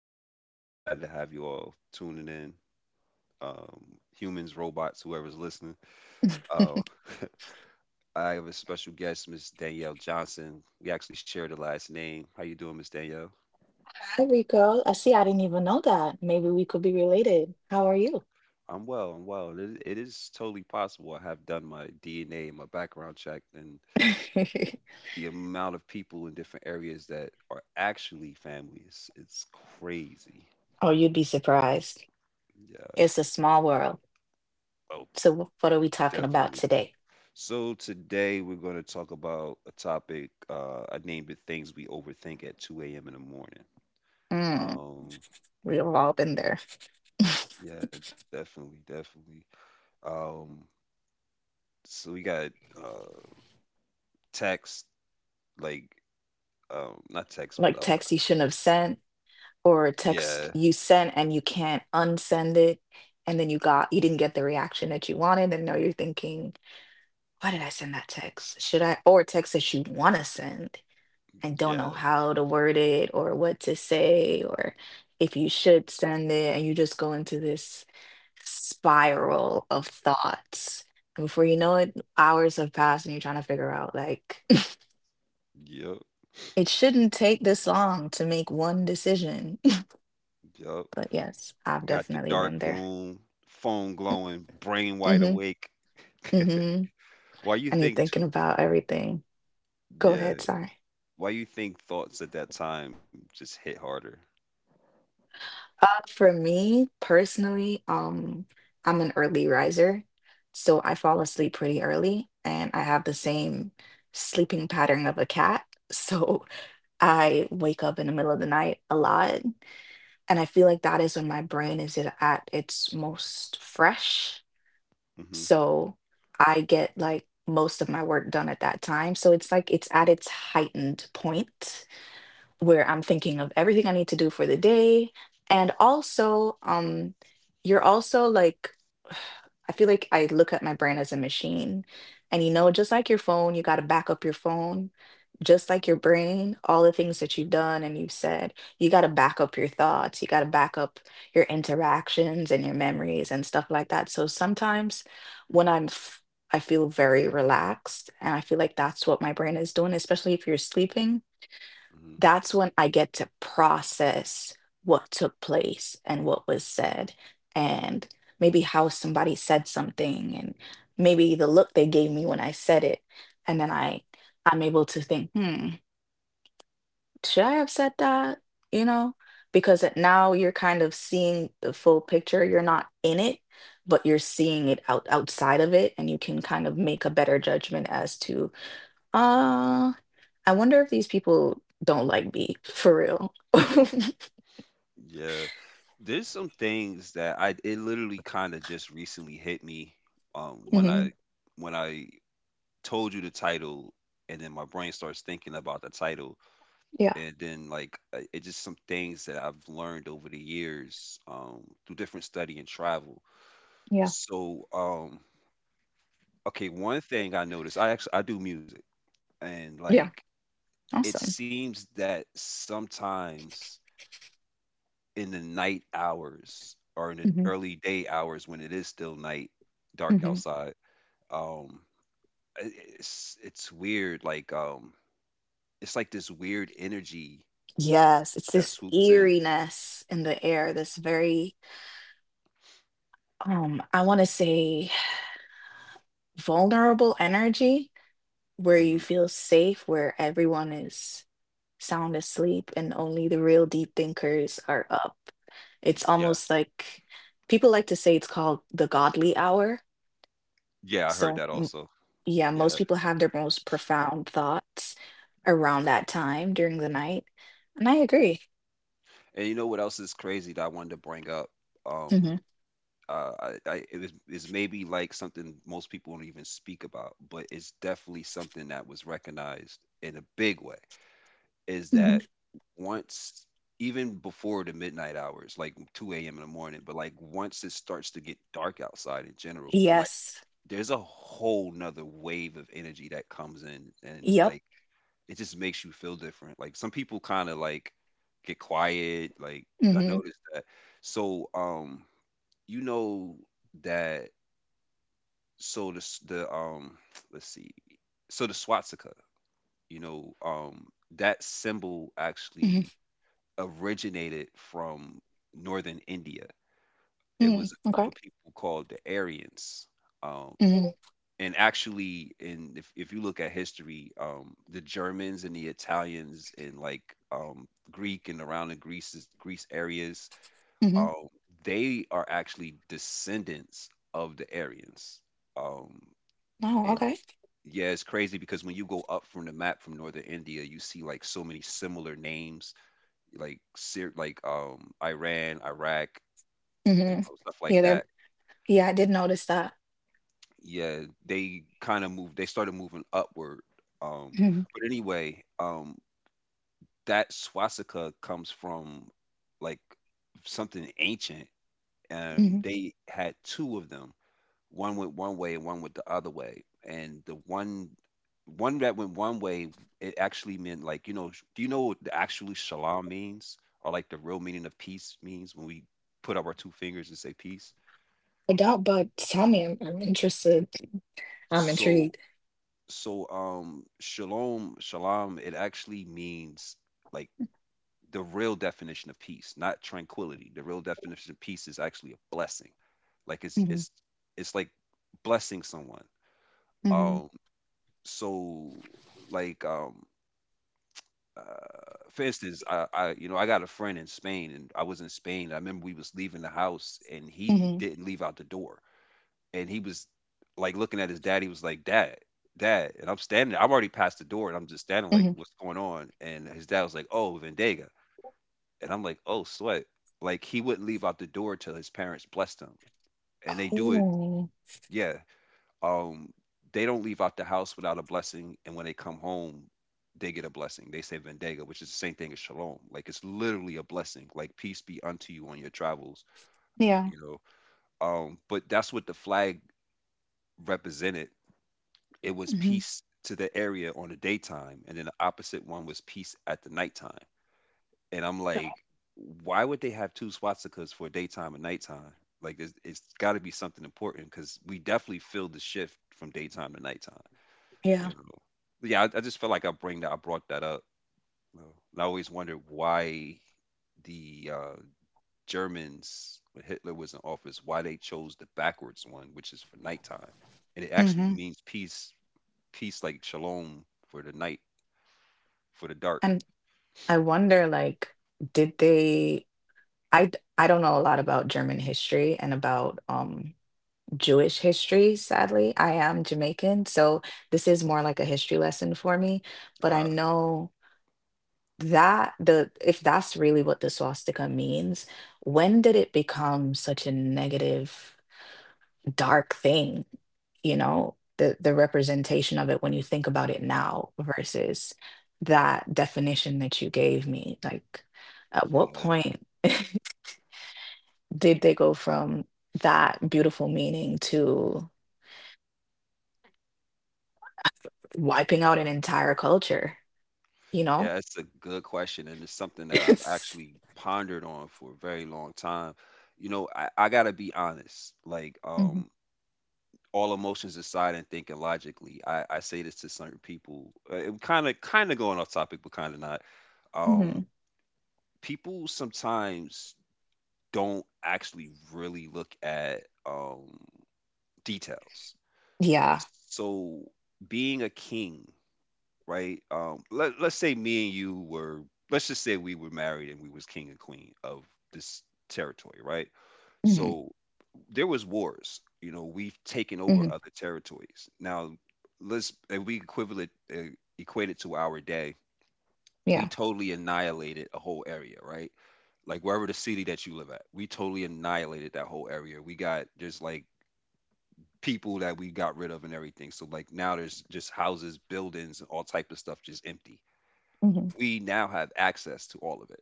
Um, Glad to have you all tuning in. Um, Humans, robots, whoever's listening. Uh, I have a special guest, Miss Danielle Johnson. We actually share the last name. How you doing, Miss Danielle? Hi, Rico. I see. I didn't even know that. Maybe we could be related. How are you? I'm well. I'm well. It is totally possible. I have done my DNA and my background check, and the amount of people in different areas that are actually families, it's crazy. Oh, you'd be surprised. Yeah. It's a small world. Oh, So, what are we talking about definitely. today? So today we're going to talk about a topic. I named it "Things We Overthink at 2 a.m. in the morning." Mm, Um, we've all been there. yeah, definitely, definitely. Um, so we got uh, text, like not text, Like but text you shouldn't have sent, or text yeah, you sent and you can't unsend it, and then you didn't get the reaction that you wanted, and now you're thinking, why did I send that text? Should I? Or text that you want to send, I don't know yeah, how to word it or what to say or if you should send it and you just go into this spiral of thoughts. And before you know it, hours have passed and you're trying to figure out like yep, it shouldn't take this long to make one decision. yep. But yes, I've Got the definitely dark been there. room, phone glowing, brain wide Mm-hmm. awake. Mm-hmm. Why you And you're think thinking too? about everything. Go Yeah, ahead, sorry. why you think thoughts at that time just hit harder? For me personally, I'm an early riser, so I fall asleep pretty early, and I have the same sleeping pattern of a cat. So I wake up in the middle of the night a lot, and I feel like that is when my brain is at its most fresh. Hmm. So I get like most of my work done at that time. So it's like it's at its heightened point where I'm thinking of everything I need to do for the day. And also, you're also like, I feel like I look at my brain as a machine. And just like your phone, you got to back up your phone. Just like your brain, all the things that you've done and you've said, you got to back up your thoughts. You got to back up your interactions and your memories and stuff like that. So sometimes when I'm, I feel very relaxed and I feel like that's what my brain is doing, especially if you're sleeping that's when I get to process what took place and what was said, and maybe how somebody said something, and maybe the look they gave me when I said it. And then I'm able to think, should I have said that? You know, because now you're kind of seeing the full picture. You're not in it, but you're seeing it outside of it, and you can kind of make a better judgment as to, "Ah, I wonder if these people don't like me for real." Hmm. Yeah. There's some things that I it literally kind of just recently hit me when I Hmm. when I told you the title, and then my brain starts thinking about the title, Yeah, and then like it's just some things that I've learned over the years through different study and travel. yeah, So okay, one thing I noticed, I actually I do music, and yeah. like it Awesome. seems that sometimes in the night hours, or in the Hmm. early day hours when it is still night, dark Hmm. outside. Um, i- it's weird. Like it's like this weird energy Yes, it's that this swoops in. eeriness in the air, this very, I want to say vulnerable energy where you Hmm. feel safe, where everyone is sound asleep and only the real deep thinkers are up. It's Yeah, almost like people like to say it's called the godly hour. yeah, I heard So that also. yeah, Yeah, most people have their most profound thoughts around that time during the night. And I agree. and you know what else is crazy that I wanted to bring up? Um, Hmm. uh, I it was is maybe like something most people don't even speak about, but it's definitely something that was recognized in a big way, is Hmm. that once, even before the midnight hours like 2 a.m. in the morning, but like once it starts to get dark outside in general, like Yes. there's a whole nother wave of energy that comes in, and Yep. like it just makes you feel different. Like some people kind of like get quiet. Like I Hmm. noticed that. So you know that, so the let's see, so the swastika, you know, that symbol actually Hmm. originated from northern India. It Hmm. was a group Okay. of people called the Aryans. Um, Hmm. and actually, in if you look at history, the Germans and the Italians and like Greek and around the Greece areas, Hmm. um, they are actually descendants of the Aryans. Um, No, and okay. yeah, it's crazy because when you go up from the map from northern India, you see like so many similar names, like Syr like Iran, Iraq, you Hmm. know, stuff like Yeah, there that. yeah, I did notice that. Yeah, they kind of moved. They started moving upward. Um, Hmm. but anyway, that swastika comes from like something ancient, Hmm. and they had two of them. One went one way and one went the other way. And the one that went one way, it actually meant, like, you know, do you know what the actually shalom means? Or like the real meaning of peace means when we put up our two fingers and say peace? I doubt, but tell me, I'm interested. I'm So intrigued. Shalom, it actually means, like, the real definition of peace, not tranquility. The real definition of peace is actually a blessing. Like it's Hmm. it's it's like blessing someone. Hmm. Um so like uh, for instance, I you know, I got a friend in Spain, and I was in Spain. I remember we was leaving the house, and he Hmm. didn't leave out the door, and he was like looking at his dad. He was like, "Dad, Dad," and I'm standing. I have already passed the door, and I'm just standing like, Hmm. "What's going on?" And his dad was like, "Oh, Vendega," and I'm like, "Oh, sweat." Like he wouldn't leave out the door till his parents blessed him, and they do it. Oh, Yeah, um, they don't leave out the house without a blessing, and when they come home, they get a blessing. They say vendega, which is the same thing as shalom. Like it's literally a blessing. Like peace be unto you on your travels. yeah. You know, but that's what the flag represented. It was Hmm. peace to the area on the daytime, and then the opposite one was peace at the nighttime. And I'm like, why would they have two swastikas for daytime and nighttime? Like it's got to be something important, because we definitely feel the shift from daytime to nighttime. Yeah. You know, yeah, I just felt like I brought that up, you know, and I always wondered why the Germans, when Hitler was in office, why they chose the backwards one, which is for nighttime, and it actually Hmm. means peace, like shalom for the night, for the dark. And I wonder, like, did they I d- I don't know a lot about German history and about Jewish history, sadly. I am Jamaican, so this is Mhm. more like a history lesson for me, but I uh, know that the if that's really what the swastika means, when did it become such a negative, dark thing? The representation of it when you think about it now versus that definition that you gave me. Like, at what yeah, point? Did they go from that beautiful meaning to wiping out an entire culture? You know, yeah, it's a good question, and it's something that I've it's. actually pondered on for a very long time. You know, I gotta be honest, like Hmm. All emotions aside and thinking logically, I say this to certain people. It kind of going off topic, but kind of not. Um, Hmm. People sometimes don't actually really look at details. Yeah. So being a king, right? Let's just say we were married and we was king and queen of this territory, right? Hmm. So there was wars. You know, we've taken over Hmm. other territories. Now, let's if we equivalent equate it to our day. We Yeah. totally annihilated a whole area, right? Like wherever the city that you live at, we totally annihilated that whole area. We got just like people that we got rid of and everything. So like now there's just houses, buildings, all type of stuff just empty. Hmm. We now have access to all of it.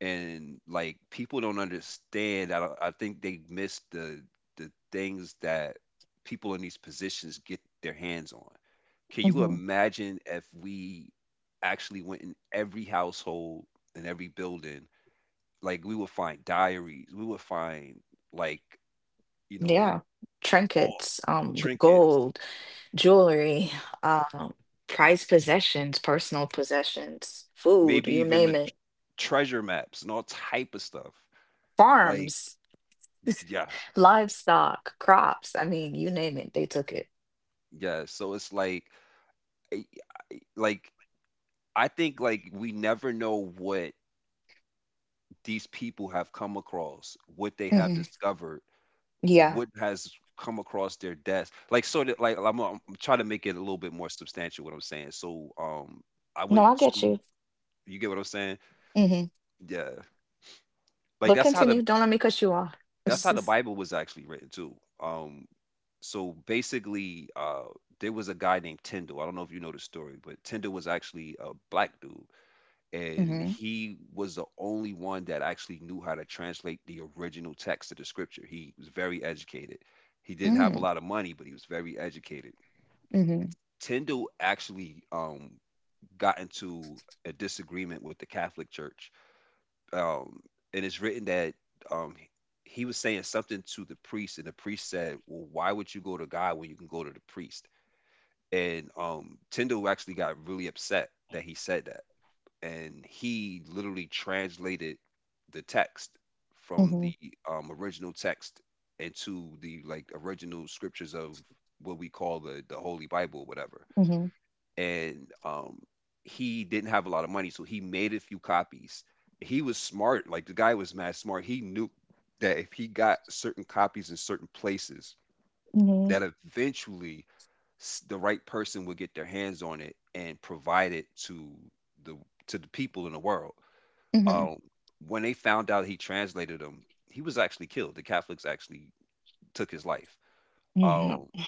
And like people don't understand. I don't, I think they miss the things that people in these positions get their hands on. Can you Hmm. imagine if we actually went in every household and every building? Like we would find diaries, we would find, like, you know Yeah. all Trinkets, trinkets, gold, jewelry, um, prized possessions, personal possessions, food, maybe you even the name tr- it, treasure maps and all type of stuff. Like, farms, yeah, livestock, crops. I mean, you name it, they took it. yeah. So it's like I- like I think, like, we never know what these people have come across, what they have Hmm. discovered, Yeah, what has come across their desk. Like, sort of like I'm trying to make it a little bit more substantial what I'm saying. So, I no, went I get to you. you get what I'm saying? Hmm. Yeah. Like But that's how the, continue. Don't let me cut you off. that's how the Bible was actually written too. So basically, there was a guy named Tyndall. I don't know if you know the story, but Tyndall was actually a black dude. And Mm-hmm. he was the only one that actually knew how to translate the original text of the scripture. He was very educated. He didn't have Mm-hmm. a lot of money, but he was very educated. Mm-hmm. Tyndale actually got into a disagreement with the Catholic Church, um, and it's written that, he was saying something to the priest, and the priest said, "Well, why would you go to God when you can go to the priest?" And Tyndale actually got really upset that he said that, and he literally translated the text from Mm-hmm. the original text into the, like, original scriptures of what we call the Holy Bible, whatever. Mm-hmm. And he didn't have a lot of money, so he made a few copies. He was smart, like the guy was mad smart. He knew that if he got certain copies in certain places, Mm-hmm. that eventually, the right person would get their hands on it and provide it to the, to the people in the world. Um, when they found out he translated them, he was actually killed. The Catholics actually took his life. Mm-hmm. Um, No.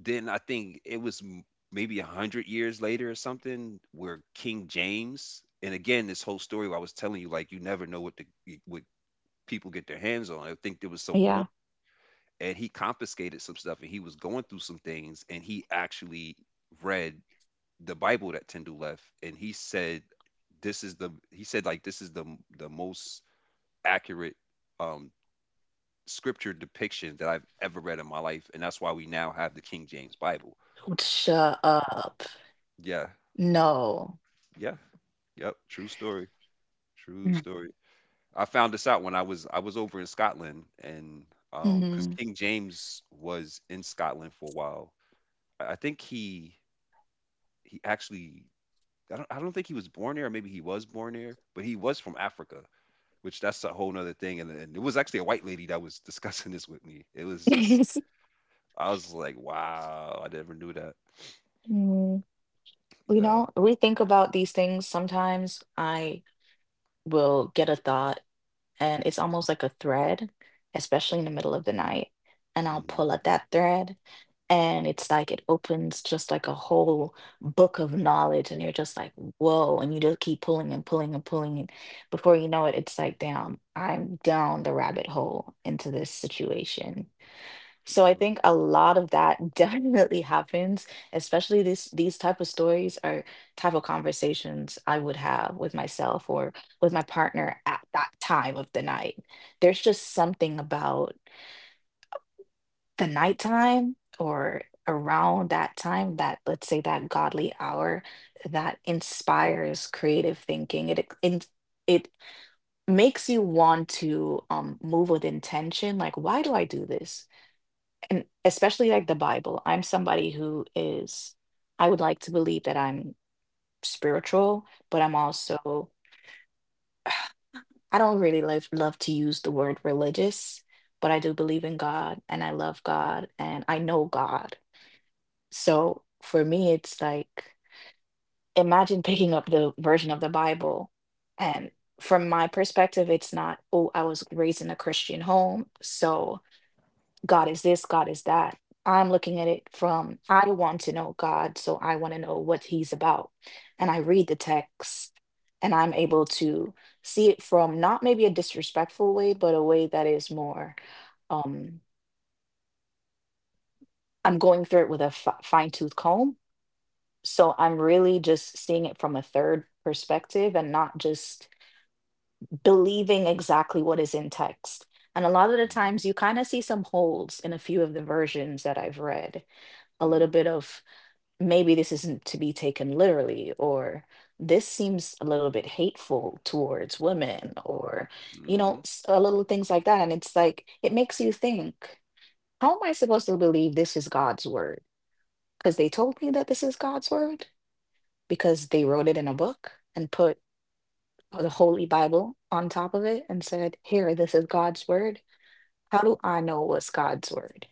then I think it was maybe 100 years later or something, where King James, and again, this whole story I was telling you, like you never know what the, what people get their hands on. I think there was some war, Yeah. and he confiscated some stuff, and he was going through some things, and he actually read the Bible that Tyndall left, and he said, "This is the," he said, like, "This is the most accurate um, scripture depiction that I've ever read in my life," and that's why we now have the King James Bible. Shut up. Yeah, No. yeah, yep. True story. True Mm-hmm. story. I found this out when I was over in Scotland, and because King James was in Scotland for a while. I think he actually, I don't think he was born there, or maybe he was born there, but he was from Africa. Which, that's a whole nother thing, and it was actually a white lady that was discussing this with me. It was just I was like, "Wow, I never knew that." Mm. Yeah. We think about these things. Sometimes I will get a thought and it's almost like a thread, especially in the middle of the night. And I'll Mhm. pull at that thread, and it's like it opens just like a whole book of knowledge, and you're just like, whoa, and you just keep pulling and pulling and pulling. And before you know it, it's like, damn, I'm down the rabbit hole into this situation. So I Yeah. think a lot of that definitely happens, especially this these type of stories are type of conversations I would have with myself or with my partner at that time of the night. There's just something about the nighttime or around that time that let's say that godly hour that inspires creative thinking. It it makes you want to move with intention. Like, why do I do this? And especially like the Bible. I'm somebody who is, I would like to believe that I'm spiritual, but I'm also, I don't really love, love to use the word religious, but I do believe in God and I love God and I know God. So for me, it's like, imagine picking up the version of the Bible. And from my perspective, it's not, oh, I was raised in a Christian home, so. God is this, God is that. I'm looking at it from I want to know God, so I want to know what He's about. And I read the text and I'm able to see it from not maybe a disrespectful way, but a way that is more, um, I'm going through it with a fine tooth comb. So I'm really just seeing it from a third perspective and not just believing exactly what is in text. And a lot of the Mhm. times you kind of see some holes in a few of the versions that I've read a Mhm. little bit of maybe this isn't to be taken literally, or this seems a little bit hateful towards women, or, you know, Mhm. Little things like that. And it's like, it makes you think, how am I supposed to believe this is God's word? Because they told me that this is God's word, because they wrote it in a book and put the Holy Bible on top of it and said, here, this is God's word. How do I know what's God's word?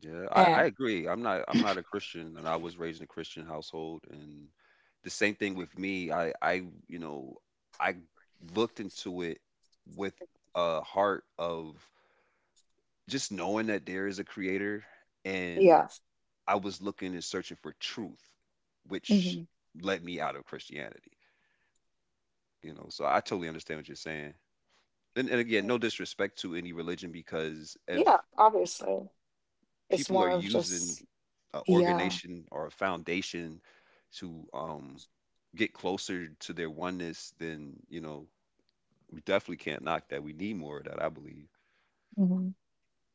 Yeah, I And agree. I'm not a Christian, and I was raised in a Christian household, and the same thing with me. I you know I looked into it with a heart of just knowing that there is a creator, and yeah. I was looking and searching for truth, which Mhm. led me out of Christianity. You know, so I totally understand what you're saying. And again, no disrespect to any religion, because Yeah, if obviously. It's people are more of using just, an yeah. organization or a foundation to get closer to their oneness, then you know we definitely can't knock that. We need more of that, I believe. Mhm.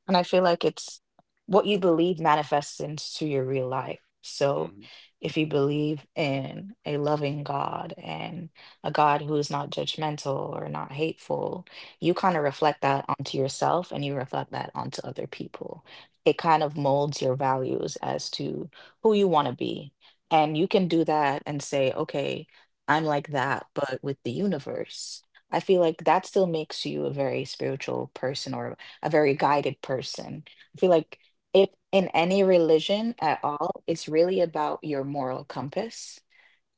And I feel like it's what you believe manifests into your real life. So hmm if you believe in a loving God and a God who is not judgmental or not hateful, you kind of reflect that onto yourself and you reflect that onto other people. It kind of molds your values as to who you want to be. And you can do that and say, okay, I'm like that, but with the universe. I feel like that still makes you a very spiritual person or a very guided person. I feel like if in any religion at all, it's really about your moral compass.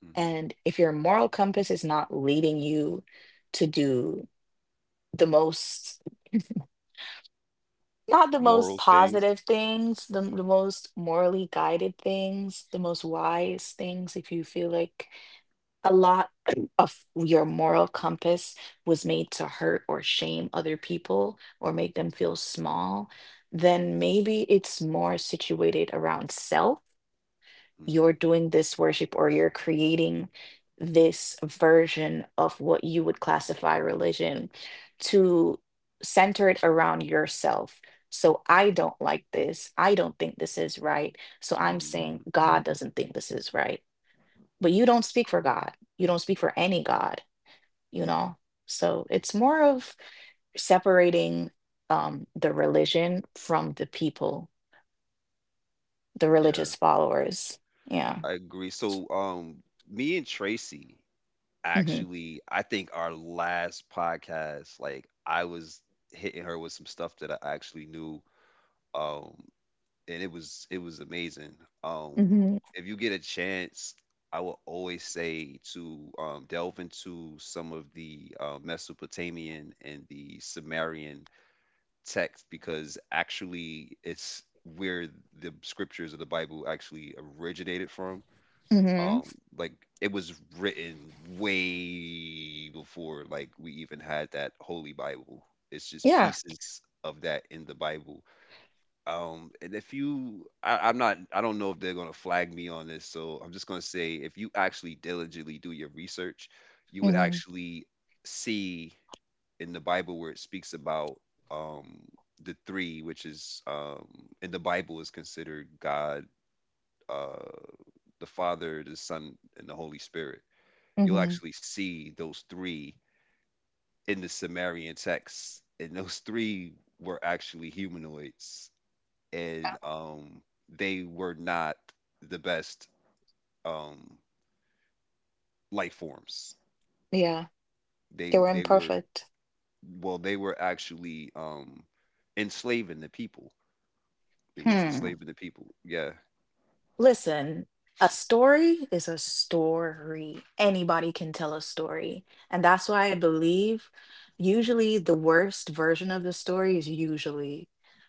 hmm And if your moral compass is not leading you to do the most, not the Moral most things. positive things, the most morally guided things, the most wise things, if you feel like a lot of your moral compass was made to hurt or shame other people or make them feel small, then maybe it's more situated around self. You're hmm doing this worship or you're creating this version of what you would classify religion to center it around yourself. So I don't like this. I don't think this is right. So I'm saying hmm God doesn't think this is right but you don't speak for God. You don't speak for any God, you know? So it's more of separating the religion from the people, the Yeah, religious followers. Yeah. I agree. So, me and Tracy Hmm. actually, I think our last podcast, like I was hitting her with some stuff that I actually knew. Um, and it was amazing. Um, Hmm. if you get a chance, I will always say to delve into some of the Mesopotamian and the Sumerian texts, because actually it's where the scriptures of the Bible actually originated from. Hmm. Um, like, it was written way before like we even had that Holy Bible. It's just Yeah. pieces of that in the Bible, and if you, I, I'm not, I don't know if they're gonna flag me on this, so I'm just gonna say if you actually diligently do your research, you would Hmm. actually see in the Bible where it speaks about um the three, which is in the Bible is considered God, uh the Father, the Son, and the Holy Spirit. You'll Hmm. actually see those three in the Sumerian texts, and those three were actually humanoids and they were not the best um, life forms. Yeah. They were They were imperfect. Well, they were actually enslaving the people. It was Hmm. enslaving the people. Yeah. Listen, a story is a story. Anybody can tell a story. And that's why I believe usually the worst version of the story is usually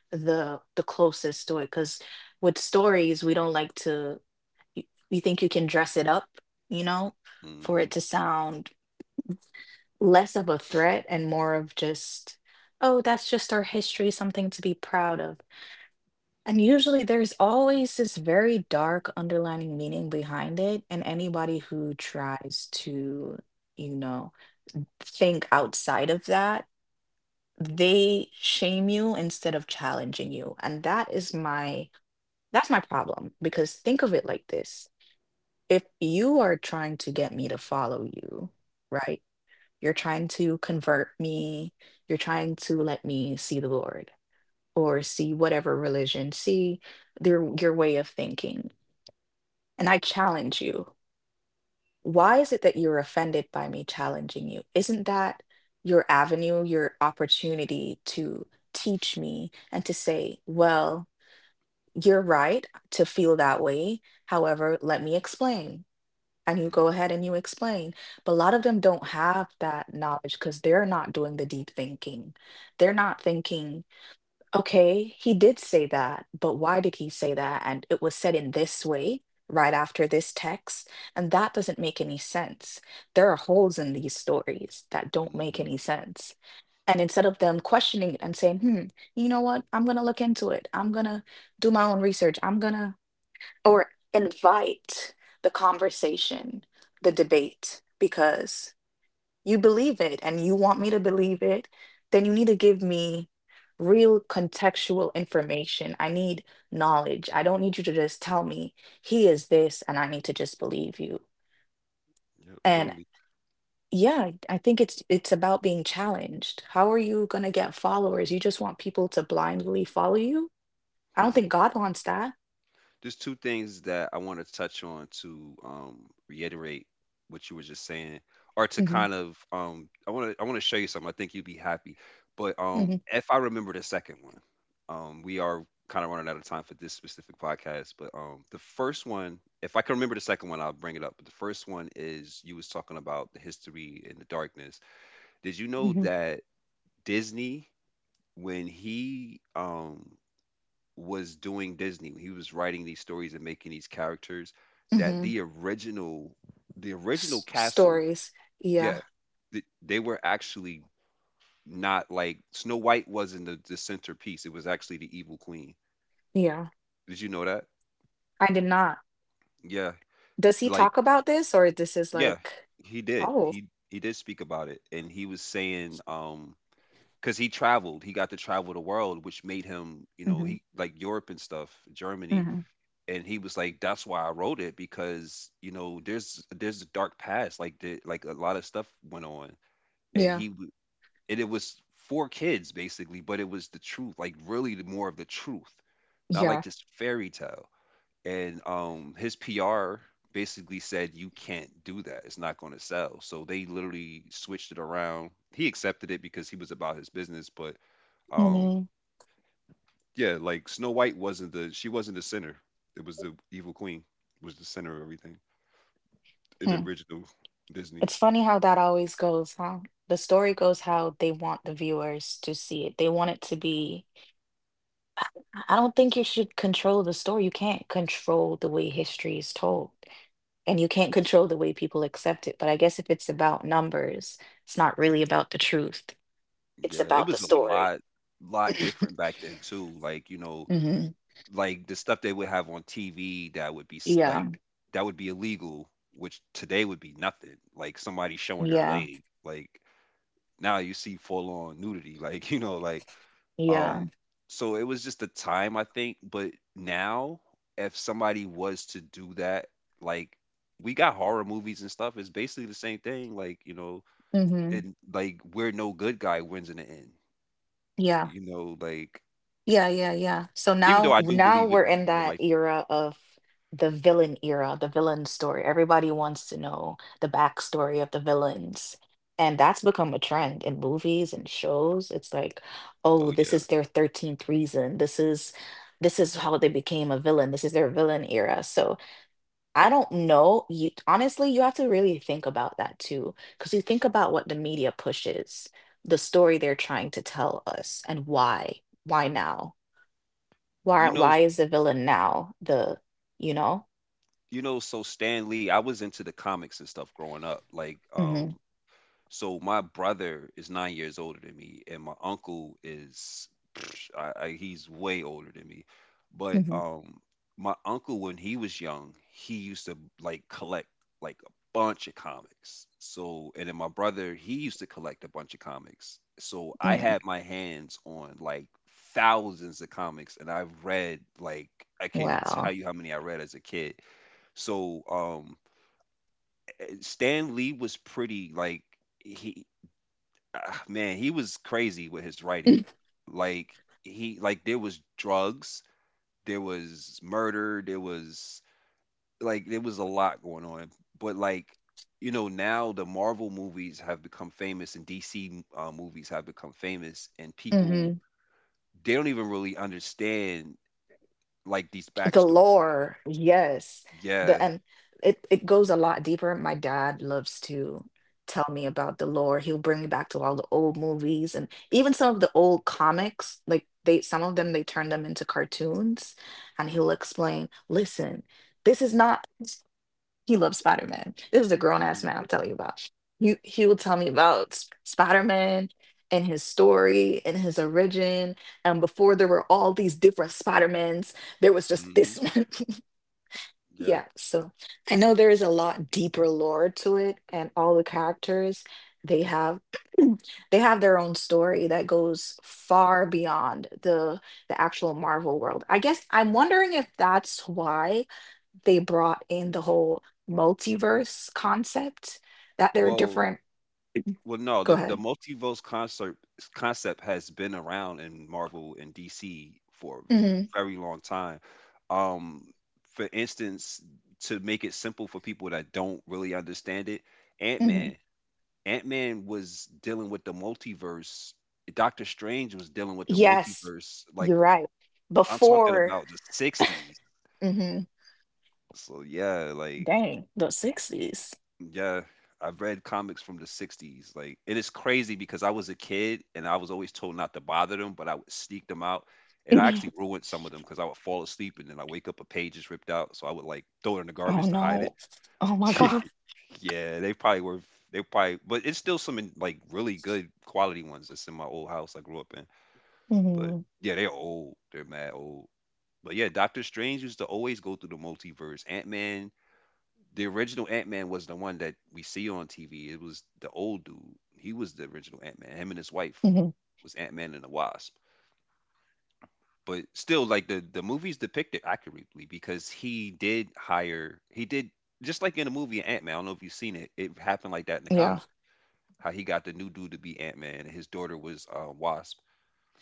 the closest story. Because with stories, we don't like to, you, you think you can dress it up, you know, for Mm-hmm. it to sound less of a threat and more of just, oh, that's just our history, something to be proud of. And usually there's always this very dark underlining meaning behind it. And anybody who tries to, you know, think outside of that, they shame you instead of challenging you. And that's my problem because think of it like this. If you are trying to get me to follow you, right? You're trying to convert me, you're trying to let me see the Lord or see whatever religion, see their your way of thinking. And I challenge you. Why is it that you're offended by me challenging you? Isn't that your avenue, your opportunity to teach me and to say, well, you're right to feel that way. However, let me explain. And you go Mm-hmm. ahead and you explain. But a lot of them don't have that knowledge because they're not doing the deep thinking. They're not thinking. Okay, he did say that, but why did he say that? And it was said in this way right after this text, and that doesn't make any sense. There are holes in these stories that don't make Mm-hmm. any sense. And instead of them questioning it and saying, hmm, you know what? I'm gonna look into it. I'm gonna do my own research. I'm gonna, or invite the conversation, the debate, because you believe it and you want me to believe it, then you need to give me real contextual information. I need knowledge. I don't need you to just tell me he is this and I need to just believe you. Yep. And Totally. yeah, I think it's about being challenged. How are you going to get followers? You just want people to blindly follow you? I don't Mm-hmm. think God wants that. There's two things that I want to touch on to reiterate what you were just saying, or to Hmm. kind of I want to show you something. I think you'd be happy. But Hmm. if I remember the second one, we are kind of running out of time for this specific podcast. But the first one, if I can remember the second one, I'll bring it up. But the first one is you was talking about the history and the darkness. Did you know Hmm. that Disney, when he was doing Disney, when he was writing these stories and making these characters, that Hmm. The original castle, Stories. Yeah. yeah, they were actually not like Snow White wasn't the centerpiece. It was actually the evil queen. Yeah. Did you know that? I did not. Yeah, Does he like talk about this or this is yeah, like, he did. oh? He did speak about it, and he was saying because he traveled, he got to travel the world, which made him, you know, Mhm, he like Europe and stuff, Germany. mhm. And he was like, that's why I wrote it, because you know there's a dark past, like the, like a lot of stuff went on, and Yeah, he w- and it was for kids basically, but it was the truth, like really the more of the truth, not like yeah. this fairy tale. And his pr basically said you can't do that, it's not going to sell, so they literally switched it around. He accepted it because he was about his business. But um Mhm, yeah, like Snow White wasn't the, she wasn't the center. It was the evil queen was the center of everything in the hmm. original Disney. It's funny how that always goes, huh? The story goes how they want the viewers to see it. They want it to be. I I don't think you should control the story. You can't control the way history is told, and you can't control the way people accept it. But I guess if it's about numbers, it's not really about the truth. It's Yeah, it about the was a story. Lot different back then too. Like, you know, Hmm. like the stuff they would have on TV that would be Yeah, like that would be illegal, which today would be nothing. Like somebody showing their yeah, leg. Like now you see full on nudity. Like, you know, like yeah. Um, so it was just the time, I think, but now if somebody was to do that, like we got horror movies and stuff, it's basically the same thing, like, you know, Hmm. and like where no good guy wins in the end. Yeah. You know, like Yeah, yeah, yeah. So even though I do now believe it we're in in real that life, era of the villain era, the villain story. Everybody wants to know the backstory of the villains. And that's become a trend in movies and shows. It's like, oh, oh this is yeah. their 13th reason. This is how they became a villain. This is their villain era. So I don't know. You honestly, you have to really think about that too, because you think about what the media pushes, the story they're trying to tell us, and why. Why now? You know, Why is the villain now the, you know? you know, so Stan Lee, I was into the comics and stuff growing up. Like, Mhm, so my brother is 9 years older than me, and my uncle is he's way older than me. But mhm, my uncle, when he was young, he used to like collect like a bunch of comics. So and then my brother, he used to collect a bunch of comics. So I mm, had my hands on like thousands of comics, and I've read like I can't even tell wow, you how many I read as a kid. So Stan Lee was pretty like, he, ah, man, he was crazy with his writing. Like he like there was drugs, there was murder, there was like there was a lot going on. But like you know now the Marvel movies have become famous and DC movies have become famous and people mhm. they don't even really understand like these The backstory. lore, yes. The Yeah. and it goes a lot deeper. My dad loves to tell me about the lore. He'll bring me back to all the old movies and even some of the old comics. Like they some of hmm them they turn them into cartoons and he'll hmm explain, listen, this is not. He loves Spider Man. This is a grown ass hmm man I'm telling you about. He will tell me about Spider Man and his story and his origin. And before there were all these different Spider Mans, there was just hmm this one. Yeah. Yeah. So I know there is a lot deeper lore to it, and all the characters they have they have their own story that goes far beyond the actual Marvel world. I guess I'm wondering if that's why they brought in the whole multiverse concept that there are Well, different. Well, no, Go the the ahead. multiverse concept concept has been around in Marvel and DC for Hmm. a very long time. Um, for instance, to make it simple for people that don't really understand it, Ant Hmm. Man, Ant Man was dealing with the multiverse. Doctor Strange was dealing with the Yes. multiverse. Like You're right. I'm talking Before. about the '60s. Hmm. So yeah, like Dang, the 60s. yeah, I've read comics from the 60s, like, and it's crazy because I was a kid and I was always told not to bother them, but I would sneak them out. And I Mhm. actually ruined some of them because I would fall asleep and then I wake up, a page is ripped out, so I would like throw it in the Oh garbage to hide it. no. Oh my God. Yeah, they probably were, they probably, but it's still some in, like really good quality ones that's in my old house I grew up in. But Hmm. yeah, they're old, they're mad old. But yeah, Doctor Strange used to always go through the multiverse. Ant Man, the original Ant Man was the one that we see on TV. It was the old dude. He was the original Ant Man. Him and his wife Hmm. was Ant Man and the Wasp. But still, like the movies depict it accurately because he did, just like in the movie Ant Man. I don't know if you've seen it. It happened like that in the Yeah. comic. How he got the new dude to be Ant Man and his daughter was Wasp.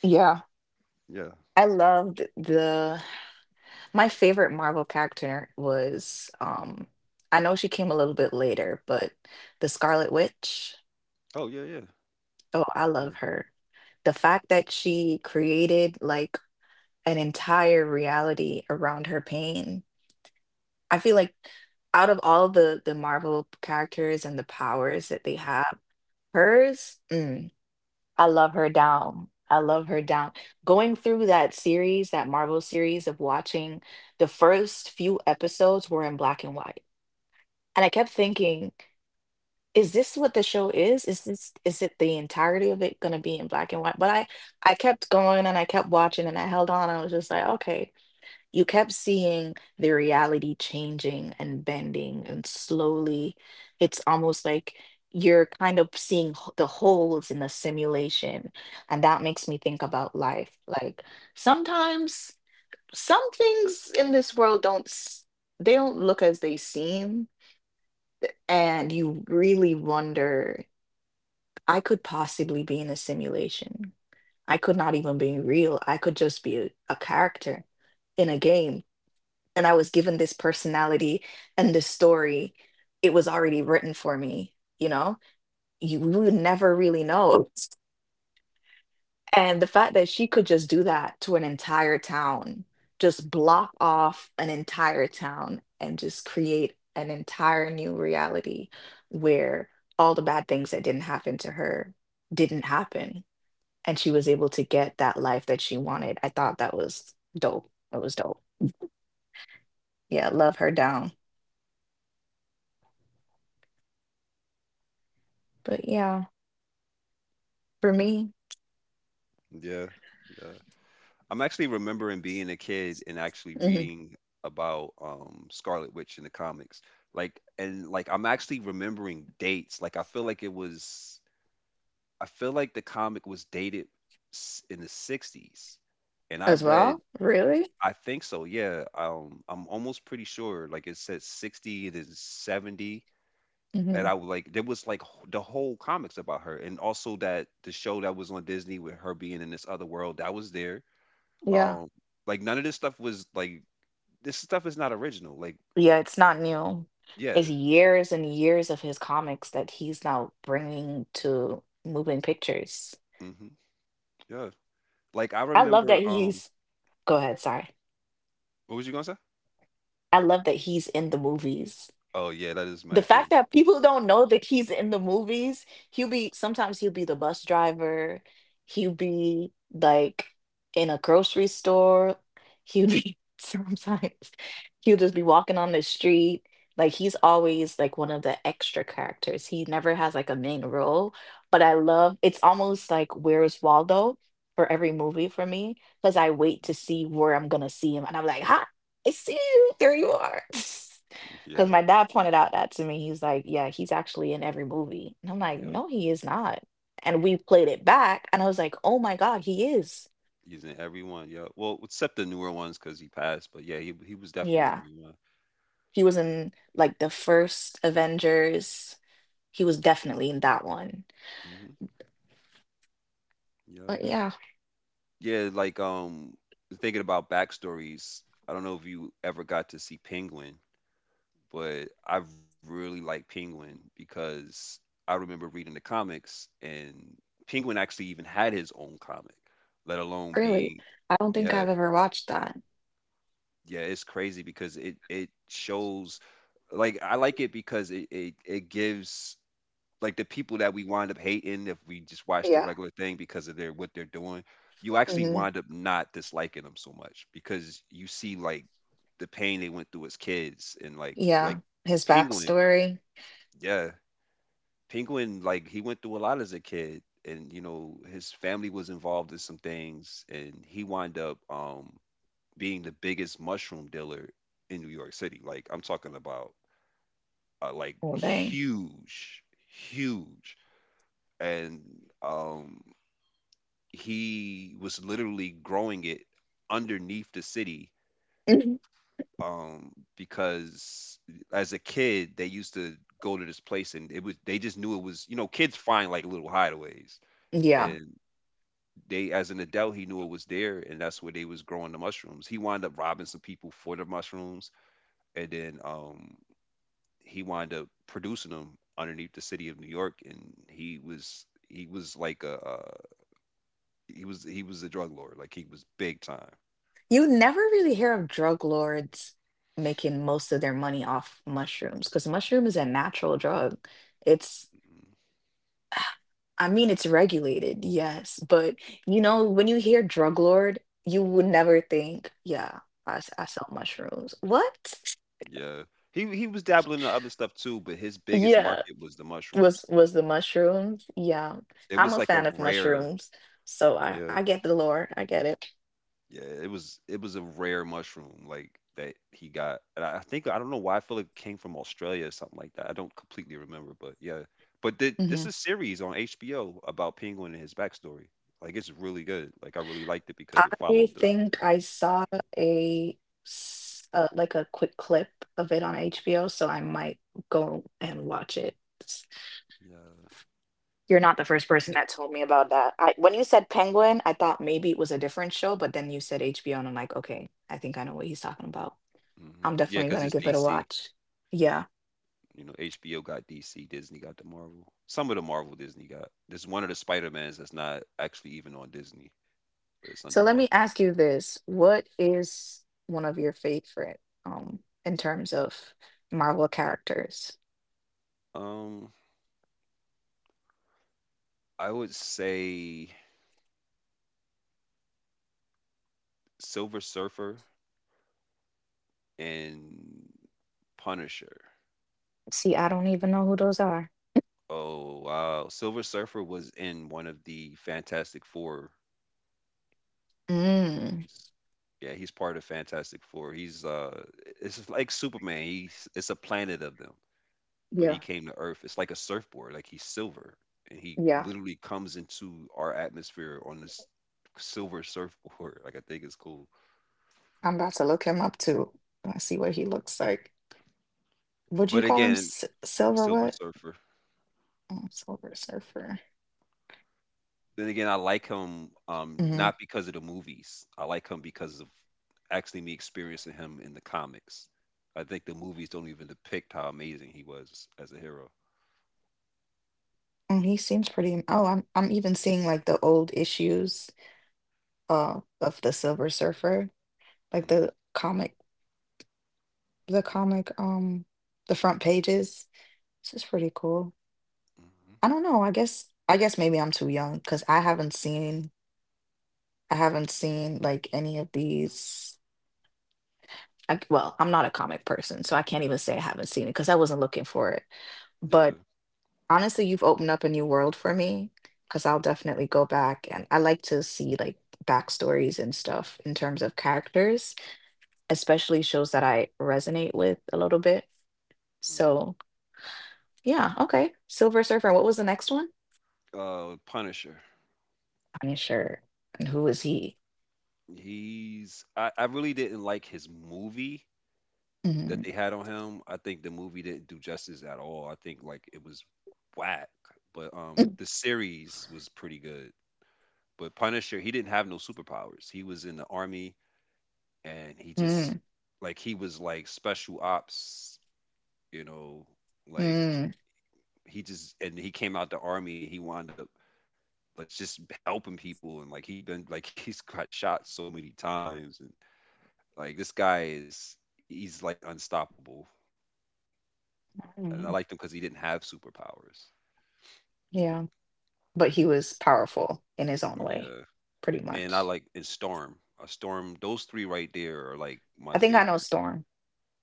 Yeah. Yeah. I loved the, my favorite Marvel character was, um, I know she came a little bit later, but the Scarlet Witch. Oh yeah yeah Oh, I yeah love her. The fact that she created like an entire reality around her pain. I feel like out of all the Marvel characters and the powers that they have, hers, mm, I love her down. I love her down. Going through that series, that Marvel series of watching the first few episodes were in black and white. And I kept thinking, is this what the show is? Is this, is it the entirety of it gonna be in black and white? But I kept going and I kept watching and I held on. I was just like, okay. You kept seeing the reality changing and bending and slowly it's almost like you're kind of seeing the holes in the simulation. And that makes me think about life. Like sometimes some things in this world don't they don't look as they seem and you really wonder I could possibly be in a simulation. I could not even be real. I could just be a character in a game. And I was given this personality and this story. It was already written for me, you know? You We would never really know. And the fact that she could just do that to an entire town, just block off an entire town and just create an entire new reality where all the bad things that didn't happen to her didn't happen and she was able to get that life that she wanted. I thought that was dope. It was dope. Yeah, love her down. But yeah, for me. yeah. Yeah. I'm actually remembering being a kid and actually Mhm. reading about Scarlet Witch in the comics. Like and like I'm actually remembering dates. Like I feel like it was I feel like the comic was dated in the 60s. And I As have read well. Really? I think so. Yeah, I'm almost pretty sure like it said 60 it is 70. And Hmm. I was like there was like the whole comics about her, and also that the show that was on Disney with her being in this other world that was there, Yeah. um, like none of this stuff was like this stuff is not original. Like, Yeah, it's not new. It's yeah. years and years of his comics that he's now bringing to moving pictures. Hmm. Yeah. Like I I love that remember he's. Go ahead. Sorry. what was you gonna say? I love that he's in the movies. Oh yeah, that is The mad fact cool. that people don't know that he's in the movies, he'll be sometimes he'll be the bus driver, he'll be like in a grocery store, he'll be sometimes he'll just be walking on the street. Like he's always like one of the extra characters. He never has like a main role, but I love it's almost like Where's Waldo for every movie for me because I wait Mhm. to see where I'm gonna see him, and I'm like, "Ha, I see you. There you are." Because Yeah. my dad pointed out that to me. He's like, yeah, he's actually in every movie. And I'm like, Yep. no, he is not. And we played it back, and I was like, oh my God, he is. He's in everyone. Yep. Well, except the newer ones because he passed, but yeah, he was definitely in Yeah. everyone. He was in like the first Avengers. He was definitely in that one. Mm-hmm. Yep. But yeah, Yeah, like thinking about backstories, I don't know if you ever got to see Penguin, but I really like Penguin because I remember reading the comics, and Penguin actually even had his own comic, let alone really, being I don't think yeah, I've ever watched that. yeah, it's crazy because it shows like I like it because it gives like the people that we wind up hating if we just watch the Yeah. regular thing because of their what they're doing, you actually Hmm. wind up not disliking them so much because you see like the pain they went through as kids, and Yeah. His Penguin, backstory. yeah, Penguin, like he went through a lot as a kid, and you know his family was involved in some things, and he wound up being the biggest mushroom dealer in New York City. Like I'm talking about, like Oh, dang. huge, huge, and um, he was literally growing it underneath the city, Mhm. Because as a kid they used to go to this place, and it was they just knew it was, you know, kids find like little hideaways. Yeah. And they, as an adult, he knew it was there, and that's where they was growing the mushrooms. He wound up robbing some people for the mushrooms, and then he wound up producing them underneath the city of new york. And he was like a he was a drug lord. Like he was big time. You never really hear of drug lords making most of their money off mushrooms because mushroom is a natural drug. It's, Mhm. I mean, it's regulated, yes, but you know, when you hear drug lord, you would never think, yeah, I sell mushrooms. What? Yeah, he was dabbling in other stuff too, but his biggest Yeah, market was the mushrooms. was the mushrooms? Yeah, It I'm was a like a fan of rare, mushrooms, so yeah. I get the lore. I get it. Yeah, it was a rare mushroom like that he got, and I think, I don't know why I feel like it came from Australia or something like that. I don't completely remember, but yeah. But this Mhm. is series on HBO about Penguin and his backstory. Like it's really good. Like I really liked it because it I followed the, think I saw a like a quick clip of it on HBO, so I might go and watch it. S- yeah. You're not the first person that told me about that. I, when you said Penguin, I thought maybe it was a different show, but then you said HBO, and I'm like, okay, I think I know what he's talking about. Hmm, I'm yeah, definitely because gonna it's give it a DC. watch. Yeah. You know, HBO got DC, Disney got the Marvel. Some of the Marvel Disney got. There's one of the Spider Mans that's not actually even on Disney, but it's under So let me Marvel. ask you this: what is one of your favorite, um, in terms of Marvel characters? Um, I would say Silver Surfer and Punisher. See, I don't even know who those are. Oh wow, Silver Surfer was in one of the Fantastic Four Mm. movies. Yeah, he's part of Fantastic Four. He's it's just like Superman. He's it's a planet of them, but he Yeah, came to Earth. It's like a surfboard. Like he's silver, and he yeah. literally comes into our atmosphere on this silver surfboard. Like I think it's cool. I'm about to look him up too. I see what he looks like. Would you But call him again, S Silver Silver what? Surfer. Oh, Silver Surfer. Then again, I like him, Hmm. not because of the movies. I like him because of actually me experiencing him in the comics. I think the movies don't even depict how amazing he was as a hero. And he seems pretty. Oh, I'm even seeing like the old issues of the Silver Surfer, like Hmm. the comic, the comic, the front pages. This is pretty cool. Hmm. I don't know. I guess maybe I'm too young because I haven't seen like any of these. Well, I'm not a comic person, so I can't even say I haven't seen it because I wasn't looking for it. But Yeah. honestly, you've opened up a new world for me because I'll definitely go back and I like to see like backstories and stuff in terms of characters, especially shows that I resonate with a little bit. Mm. So yeah, okay. Silver Surfer. And what was the next one? Punisher. I'm sure. And who is he? He's, I really didn't like his movie that Mm, they had on him. I think the movie didn't do justice at all. I think like it was whack. But mm, the series was pretty good. But Punisher, he didn't have no superpowers. He was in the army, and he just, mm, like he was like special ops, you know, like mm, he just, and he came out the army and he wound up like just helping people, and like he been like he's got shot so many times, and like this guy is, he's like unstoppable, and I mm. liked him because he didn't have superpowers. Yeah, but he was powerful in his own Yeah, way, pretty and I much. like, and Storm, a Storm. Those three right there are like my I think I know favorite. storm.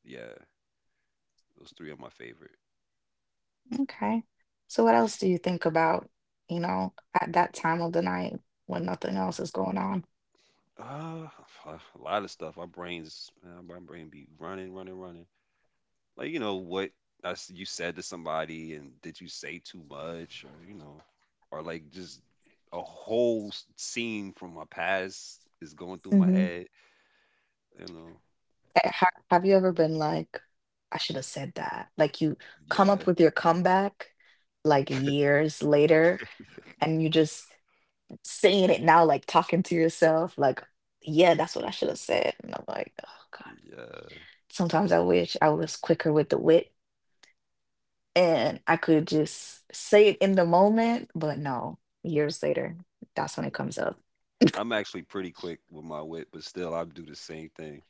Yeah, those three are my favorite. Okay. So what else do you think about, you know, at that time of the night when nothing else is going on? Uh, a lot of stuff. Our brains, my brain be running, running, running. Like you know what I s you said to somebody, and did you say too much, or you know, or like just a whole scene from my past is going through my Hmm. head. You know, Have you ever been like, I should have said that? Like you come yeah, up with your comeback like years later and you just saying it now, like talking to yourself, like, yeah, that's what I should have said. And I'm like, oh God. yeah. Sometimes I wish I was quicker with the wit. And I could just say it in the moment, but no, years later, that's when it comes up. I'm actually pretty quick with my wit, but still, I do the same thing.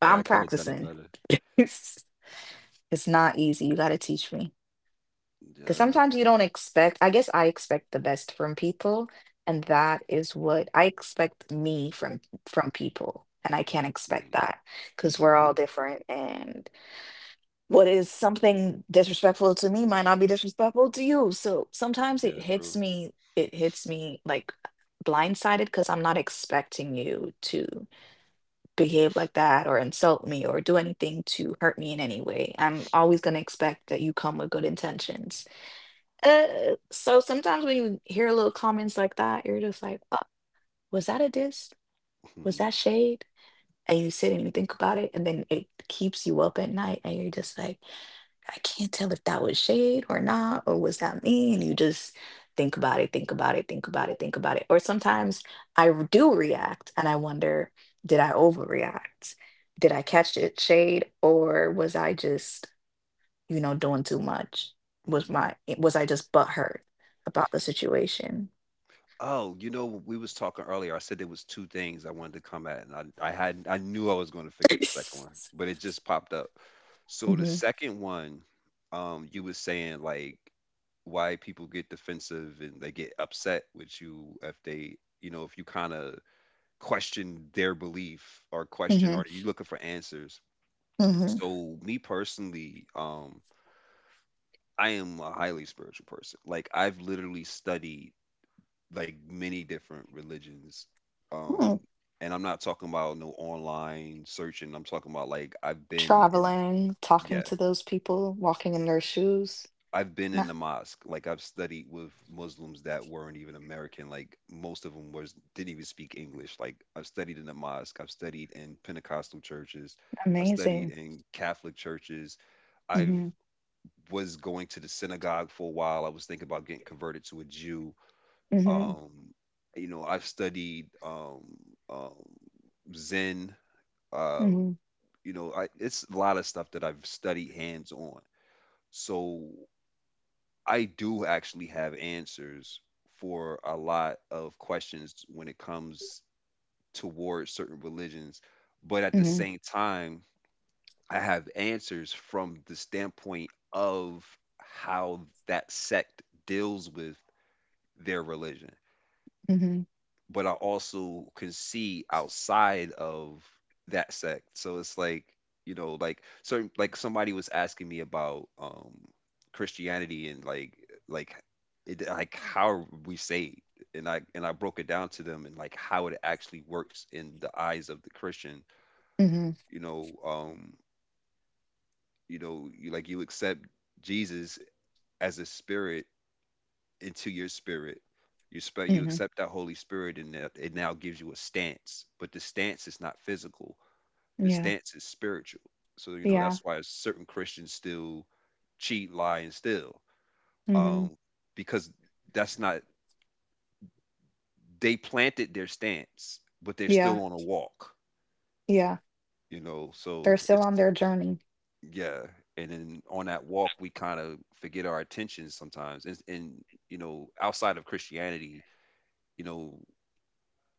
But Like I I'm could have done it practicing. better. It's it's not easy. You got to teach me. Because Yeah, sometimes you don't expect, I guess I expect the best from people, and that is what I expect me from people, and I can't expect mhm. that because we're all different and. What is something disrespectful to me might not be disrespectful to you. So sometimes Yeah, true. It hits me like blindsided because I'm not expecting you to behave like that or insult me or do anything to hurt me in any way. I'm always going to expect that you come with good intentions. So sometimes when you hear little comments like that, you're just like, oh, was that a diss? Was that shade? And you sit and you think about it, and then it keeps you up at night, and you're just like, I can't tell if that was shade or not, or was that me? And you just think about it, think about it, think about it, think about it. Or sometimes do react and I wonder, did I overreact? Did I catch it shade or was I just, doing too much? Was Mhm. my was I just butthurt about the situation? Oh, you know, we was talking earlier. I said there was two things I wanted to come at, and I had I knew I was gonna forget the second one, but it just popped up. So the hmm second one, you was saying like why people get defensive and they get upset with you if they, you know, if you kind of question their belief or question, hmm or you looking for answers. hmm So me personally, I am a highly spiritual person. Like I've literally studied like many different religions. Mm. Um, and I'm not talking about no online searching. I'm talking about like I've been in, Traveling, talking yeah, to those people, walking in their shoes. I've been Ma- in the mosque. Like I've studied with Muslims that weren't even American. Like most of them was didn't even speak English. Like I've studied in the mosque. I've studied in Pentecostal churches. I studied Amazing. in Catholic churches. I've was going to the synagogue for a while. I was thinking about getting converted to a Jew. Hmm Um, you know, I've studied um, Zen. Uh, Mhm, you know, it's a lot of stuff that I've studied hands on. So I do actually have answers for a lot of questions when it comes towards certain religions. But at the mhm, same time, I have answers from the standpoint of how that sect deals with their religion, mhm, but I also can see outside of that sect. So it's like, you know, like certain, like somebody was asking me about Christianity, and like it, like how we saved, and I broke it down to them and like how it actually works in the eyes of the Christian, mhm, you know, you know, you like you accept Jesus as a spirit into your spirit. You you mhm. accept that Holy Spirit, and that it now gives you a stance. But the stance is not physical. The Yeah, stance is spiritual. So you know yeah, that's why certain Christians still cheat, lie, and steal, mhm, um, because that's not, they planted their stance, but they're yeah, still on a walk. yeah. You know, They're so still on it's their journey. yeah. And then on that walk, we kind of forget our attention sometimes. And you know, outside of Christianity, you know,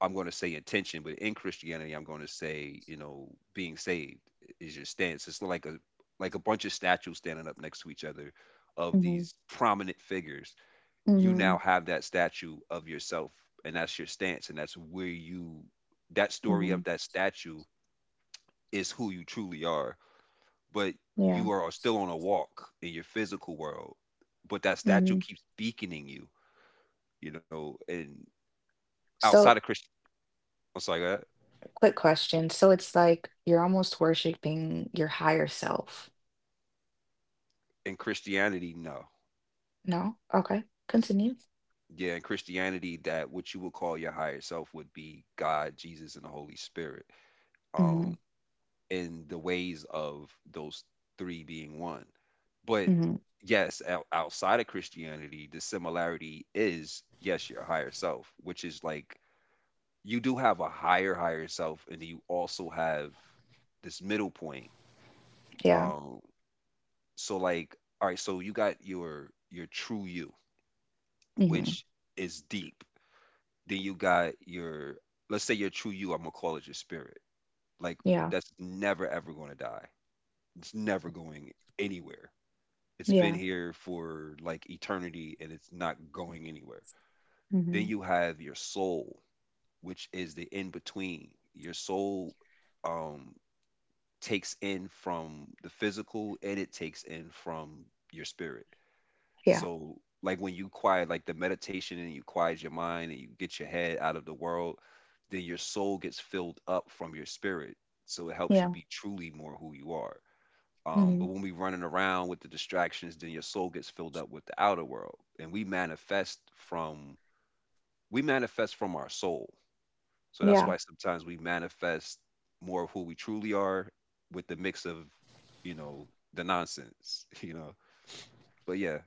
I'm going to say intention, but in Christianity, I'm going to say, you know, being saved is your stance. It's like a bunch of statues standing up next to each other of Mhm, these prominent figures. You now mhm, have that statue of yourself, and that's your stance, and that's where you, that story of mhm, that statue is who you truly are. But yeah, you are still on a walk in your physical world, but that statue mhm. keeps beaconing you, you know. And outside of So, Christian, it's like quick question. So it's like you're almost worshiping your higher self. in Christianity, no. No? Okay. Continue. Yeah, in Christianity, that what you would call your higher self would be God, Jesus, and the Holy Spirit, um, Mm-hmm. and the ways of those three being one. But Mm-hmm. yes, outside of Christianity, the similarity is yes, your higher self, which is like you do have a higher higher self, and you also have this middle point. Yeah. Um, so like, all right, so you got your true you, Mm-hmm. which is deep. Then you got your, let's say your true you, I'm gonna call it your spirit, like Yeah. that's never ever gonna die. It's never going anywhere. It's been Yeah. here for like eternity, and it's not going anywhere. Then Mm-hmm. you have your soul, which is the in between. Your soul um takes in from the physical, and it takes in from your spirit. Yeah. So, like when you quiet, like the meditation, and you quiet your mind and you get your head out of the world, then your soul gets filled up from your spirit. So it helps you Yeah. be truly more who you are. But Mm-hmm. when we running around with the distractions, then your soul gets filled up with the outer world, and we manifest from, we manifest from our soul. So that's Yeah. why sometimes we manifest more of who we truly are with the mix of, you know, the nonsense, you know. But yeah.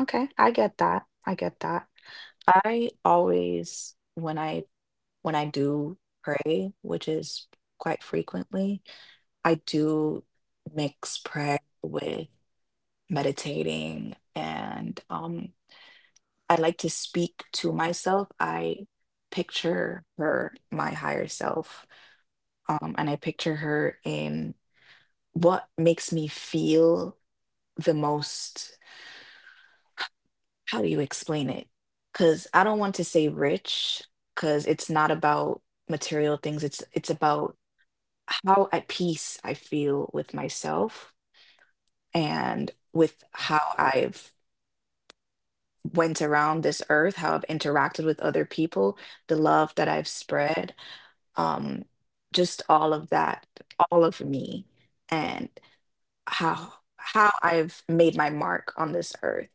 Okay. I get that. I get that. I always, when I do pray, which is quite frequently, I do mix prayer with meditating, and I like to speak to myself. I picture her, my higher self, and I picture her in what makes me feel the most. How do you explain it? Because I don't want to say rich, because it's not about material things. It's about how at peace I feel with myself and with how I've went around this earth, how I've interacted with other people, the love that I've spread, um, just all of that, all of me, and how I've made my mark on this earth.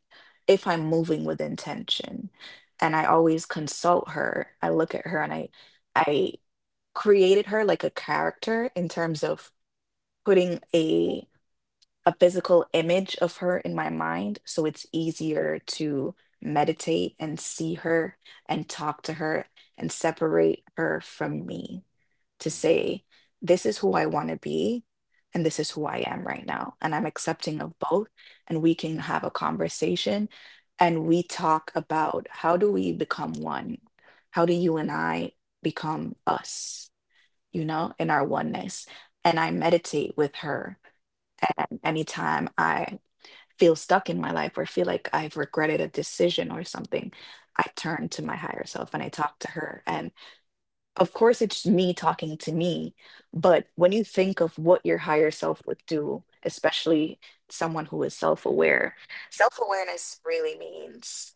If I'm moving with intention, and I always consult her, I look at her and I created her like a character in terms of putting a physical image of her in my mind. So it's easier to meditate and see her and talk to her and separate her from me to Hmm. say, this is who I want to be and this is who I am right now. And I'm accepting of both. And we can have a conversation and we talk about, how do we become one? How do you and I become us, you know, in our oneness? And I meditate with her, and anytime I feel stuck in my life or feel like I've regretted a decision or something, I turn to my higher self and I talk to her. And of course, it's me talking to me. But when you think of what your higher self would do, especially someone who is self aware, self awareness really means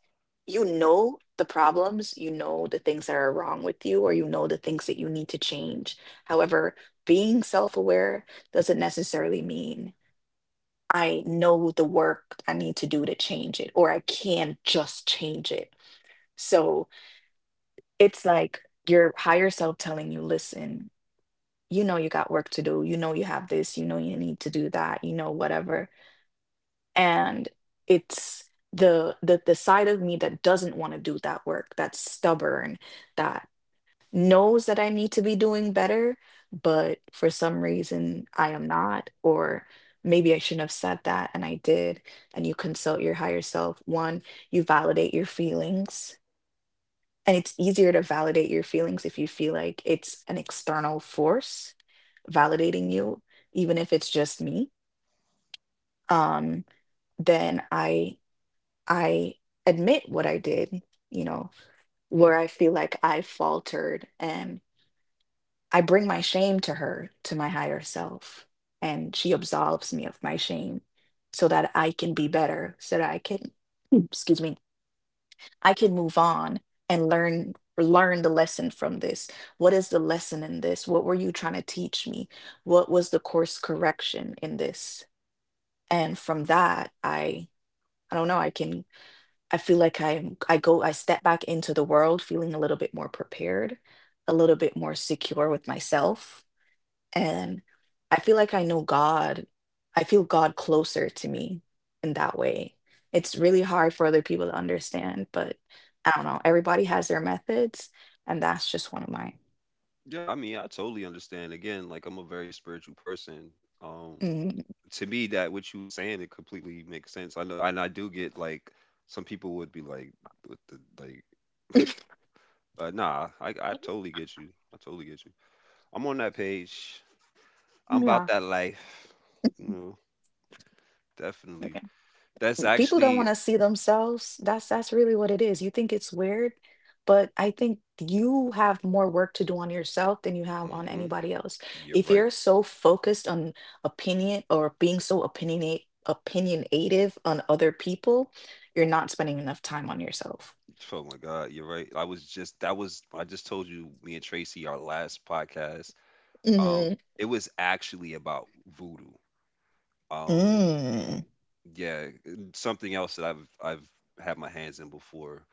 you know the problems, you know the things that are wrong with you, or you know the things that you need to change. However, being self aware doesn't necessarily mean I know the work I need to do to change it, or I can not just change it. So it's like your higher self telling you, listen, you know, you got work to do. You know, you have this. You know, you need to do that. You know, whatever. And it's the side of me that doesn't want to do that work, that's stubborn, that. Knows that I need to be doing better, but for some reason I am not, or maybe I shouldn't have said that and I did. And you consult your higher self. One, you validate your feelings. And it's easier to validate your feelings if you feel like it's an external force validating you, even if it's just me. Um, then I admit what I did, you know, where I feel like I faltered and. I bring my shame to her, to my higher self, and she absolves me of my shame so that I can be better, so that I can, excuse me, I can move on and learn the lesson from this. What is the lesson in this? What were you trying to teach me? What was the course correction in this? And from that, I don't know, I can, I feel like I step back into the world feeling a little bit more prepared, a little bit more secure with myself, and I feel like I know God. I feel God closer to me in that way. It's really hard for other people to understand, but I don't know. Everybody has their methods, and that's just one of mine. Yeah, I mean, I totally understand. Again, like I'm a very spiritual person. Um, Mhm. to me, that what you were saying, it completely makes sense. I know, and I do get like some people would be like, "What the like?" Nah, I totally get you. I totally get you. I'm on that page. I'm about Yeah. that life. You know, definitely. That's People don't want actually. to see themselves. That's really what it is. You think it's weird, but I think you have more work to do on yourself than you have on Hmm. anybody else. You're If right. you're so focused on opinion or being so opinionate opinionative on other people, you're not spending enough time on yourself. Oh my God, you're right. I was just, that was, I just told you me and Tracy our last podcast. Um, Hmm it was actually about voodoo. Um, Mm-hmm. Mm. yeah, something else that I've had my hands in before,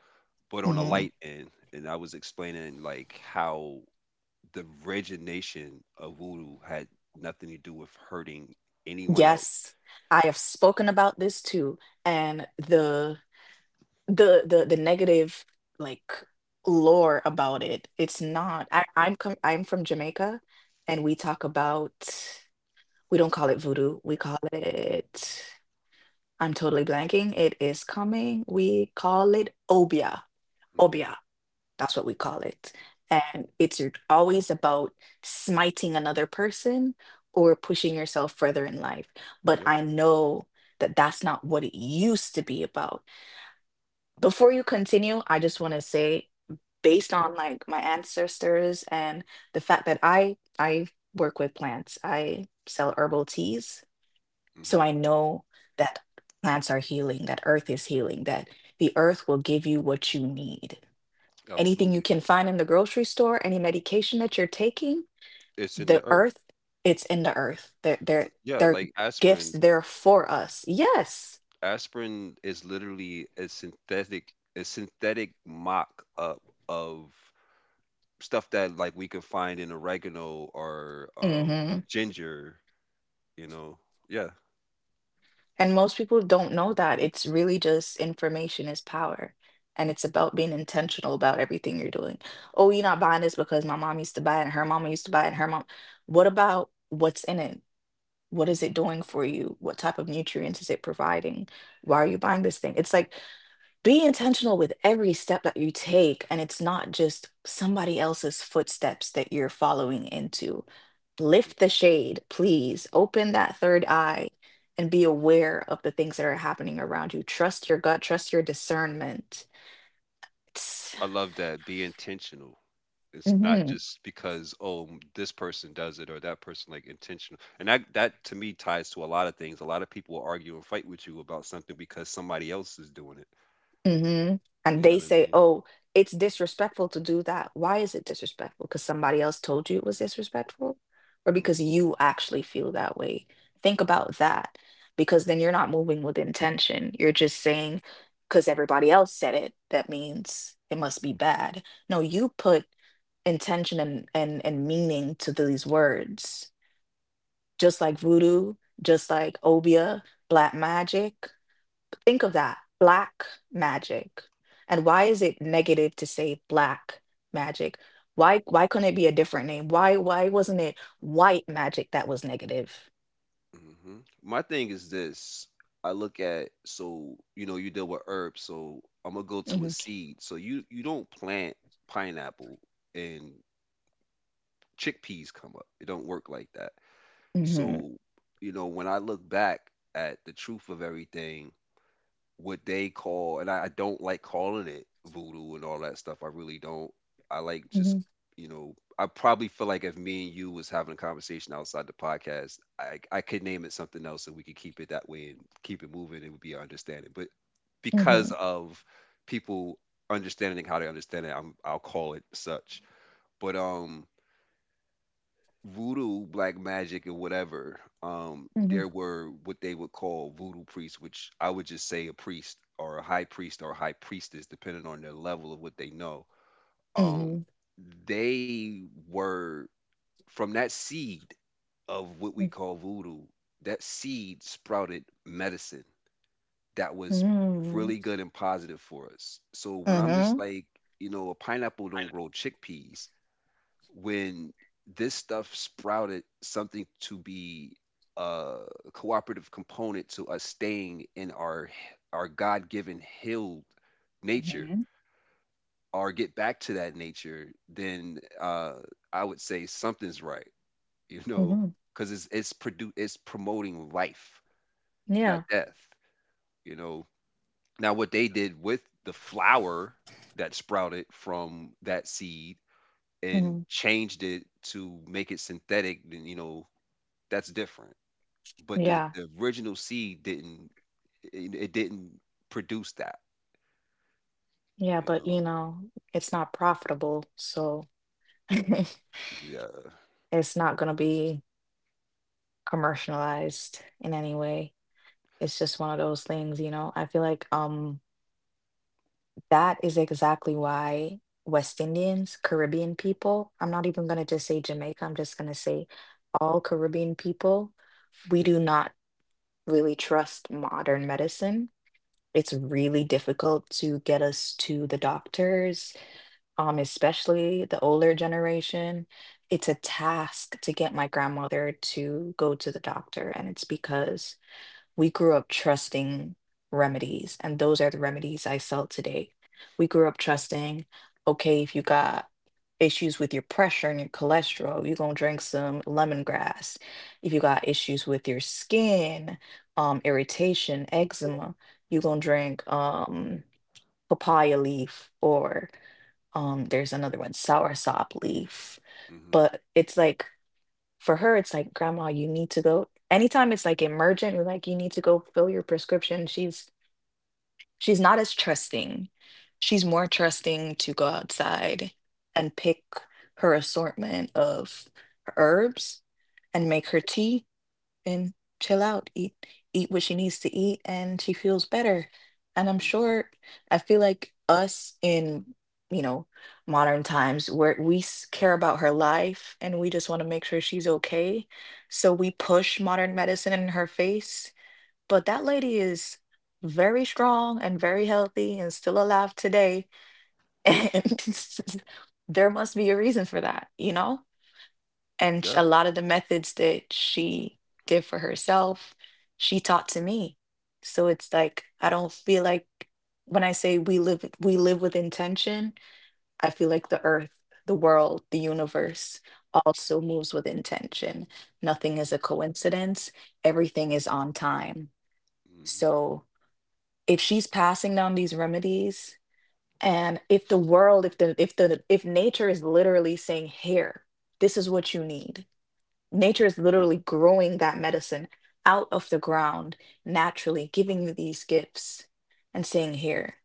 but on a hmm light end, and I was explaining like how the origination of voodoo had nothing to do with hurting anyone else. Yes, I have spoken about this too, and the negative like lore about it. It's not. I, I'm com I'm from Jamaica, and we talk about, we don't call it voodoo. We call it. I'm totally blanking. It is coming. We call it obia. Hmm. Obia. That's what we call it. And always about smiting another person or pushing yourself further in life. But Yep. I know that that's not what it used to be about. Before you continue, I just want to say, based on like my ancestors and the fact that I work with plants, I sell herbal teas, so Hmm. I know that plants are healing, that earth is healing, that the earth will give you what you need. Anything you Absolutely. can find in the grocery store, any medication that you're taking, It's in the the earth. earth, it's in the earth. They're they're Yeah, they're like gifts aspirin. there for us. Yes. Aspirin is literally a synthetic, a synthetic mock up of stuff that like we could find in oregano or hmm ginger. You know, yeah. And most people don't know that. It's really just information is power. And it's about being intentional about everything you're doing. Oh, you're not buying this because my mom used to buy it and her mama used to buy it and her mom. What about what's in it? What is it Mhm. doing for you? What type of nutrients is it providing? Why are you buying this thing? It's like, be intentional with every step that you take and it's not just somebody else's footsteps that you're following into. Lift the shade, please. Open that third eye and be aware of the things that are happening around you. Trust your gut, trust your discernment. It's, I love that. Be intentional. It's not Mhm. just because oh this person does it or that person, like intentional. And that, that to me ties to a lot of things. A lot of people will argue and fight with you about something because somebody else is doing it. hmm And You know they what I say, mean? oh, it's disrespectful to do that. Why is it disrespectful? Because somebody else told you it was disrespectful, or because Mm-hmm. you actually feel that way? Think about that, because then you're not moving with intention. You're just saying, because everybody else said it, that means it must be bad. No, you put intention and meaning to these words, just like voodoo, just like obia, black magic. Think of that, black magic. And why is it negative to say black magic? Why couldn't it be a different name? Why wasn't it white magic that was negative? Hmm. My thing is this. I look at, so you know you deal with herbs, so I'm gonna go to a Mhm. seed. So you don't plant pineapple and chickpeas come up. It don't work like that. mhm, So you know when I look back at the truth of everything, what they call, and I don't like calling it voodoo and all that stuff. I really don't. I like just, mhm, you know, I probably feel like if me and you was having a conversation outside the podcast, I could name it something else and we could keep it that way and keep it moving. It would be our understanding. But because mhm, of people understanding how they understand it, I'll call it such. But voodoo, black magic, and whatever, mhm, there were what they would call voodoo priests, which I would just say a priest or a high priest or high priestess, depending on their level of what they know. Um, mhm, they were from that seed of what we call voodoo. That seed sprouted medicine that was mhm, really good and positive for us. So when mhm, I'm just mhm, like, you know, a pineapple don't grow chickpeas, when this stuff sprouted something to be a cooperative component to us staying in our god-given healed nature, mhm. or get back to that nature, then I would say something's right, you know, mhm. because it's promoting life, not Yeah. death, you know. Now what they did with the flower that sprouted from that seed and Mhm. changed it to make it synthetic, then, you know, that's different. But the, Yeah. the original seed didn't, it didn't produce that, Yeah, you but know. you know, it's not profitable, so Yeah. it's not going to be commercialized in any way. It's just one of those things, you know? I feel like that is exactly why West Indians, Caribbean people, I'm not even gonna just say Jamaica, I'm just gonna say all Caribbean people, we do not really trust modern medicine. It's really difficult to get us to the doctors, especially the older generation. It's a task to get my grandmother to go to the doctor, and it's because we grew up trusting remedies, and those are the remedies I sell today. We grew up trusting, okay, if you got issues with your pressure and your cholesterol, you're gonna drink some lemongrass. If you got issues with your skin, irritation, eczema, you're gonna drink papaya leaf or there's another one, soursop leaf. hmm But it's like for her, it's like, "Grandma, you need to go." Anytime it's like emergent, we're like, "You need to go fill your prescription." She's not as trusting. She's more trusting to go outside and pick her assortment of herbs and make her tea and chill out, eat what she needs to eat, and she feels better. And I'm hmm sure I feel like us in you know modern times where care about her life and we just want to make sure she's okay. So we push modern medicine in her face, but that lady is very strong and very healthy and still alive today. And there must be a reason for that, you know? And Yeah. a lot of the methods that she did for herself, she taught to me. So it's like I don't feel like when I say we live with intention, I feel like the earth, the world, the universe also moves with intention. Nothing is a coincidence. Everything is on time. hmm So if she's passing down these remedies and if the world if the if the if nature is literally saying, here, this is what you need. Nature is literally growing that medicine out of the ground naturally, giving you these gifts and saying, here.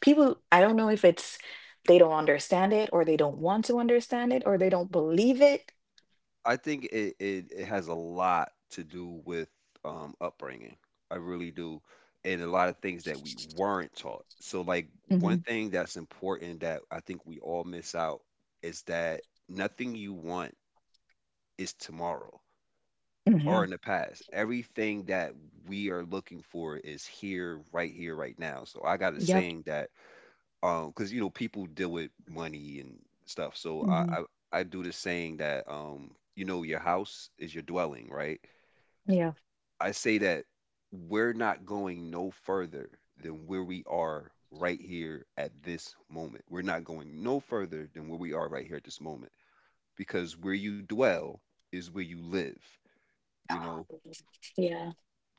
People, I don't know if it's they don't understand it or they don't want to understand it or they don't believe it. I think it has a lot to do with upbringing. I really do. And a lot of things that we weren't taught. So, like, one hmm thing that's important that I think we all miss out is that nothing you want is tomorrow. hmm Are in the past. Everything that we are looking for is here, right now. So I got a Yep. saying that, because you know people deal with money and stuff. So I, hmm I I do the saying that, you know, your house is your dwelling, right? Yeah. I say that we're not going no further than where we are right here at this moment. We're not going no further than where we are right here at this moment, because where you dwell is where you live. You Ah, know, mhm. Yeah.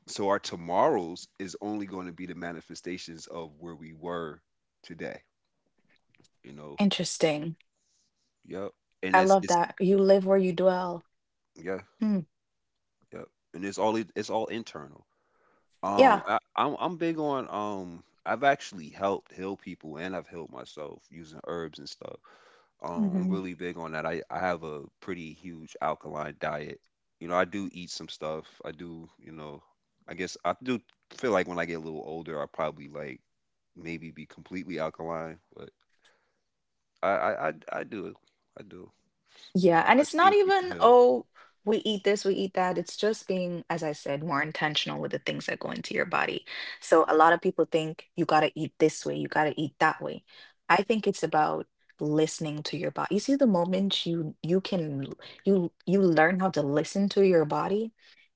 so our tomorrows is only going to be the manifestations of where we were today. You know. Interesting. Yep. And I it's love it's that. You live where you dwell. yeah. Hmm. Yep. And it's all, it's all internal. Um, Yeah. I, I'm I'm big on I've actually helped heal people and I've healed myself using herbs and stuff. I'm really big on that. I have a pretty huge alkaline diet. You know, I do eat some stuff. I do. You know, I guess I do feel like when I get a little older, I probably like maybe be completely alkaline, but I I do. I do. Yeah, and I've it's not seen people even, help. oh, we eat this, we eat that. It's just being, as I said, more intentional with the things that go into your body. So a lot Yeah. of people think you got to eat this way, you got to eat that way. I think it's about listening to your body. You see, the moment you learn how to listen to your body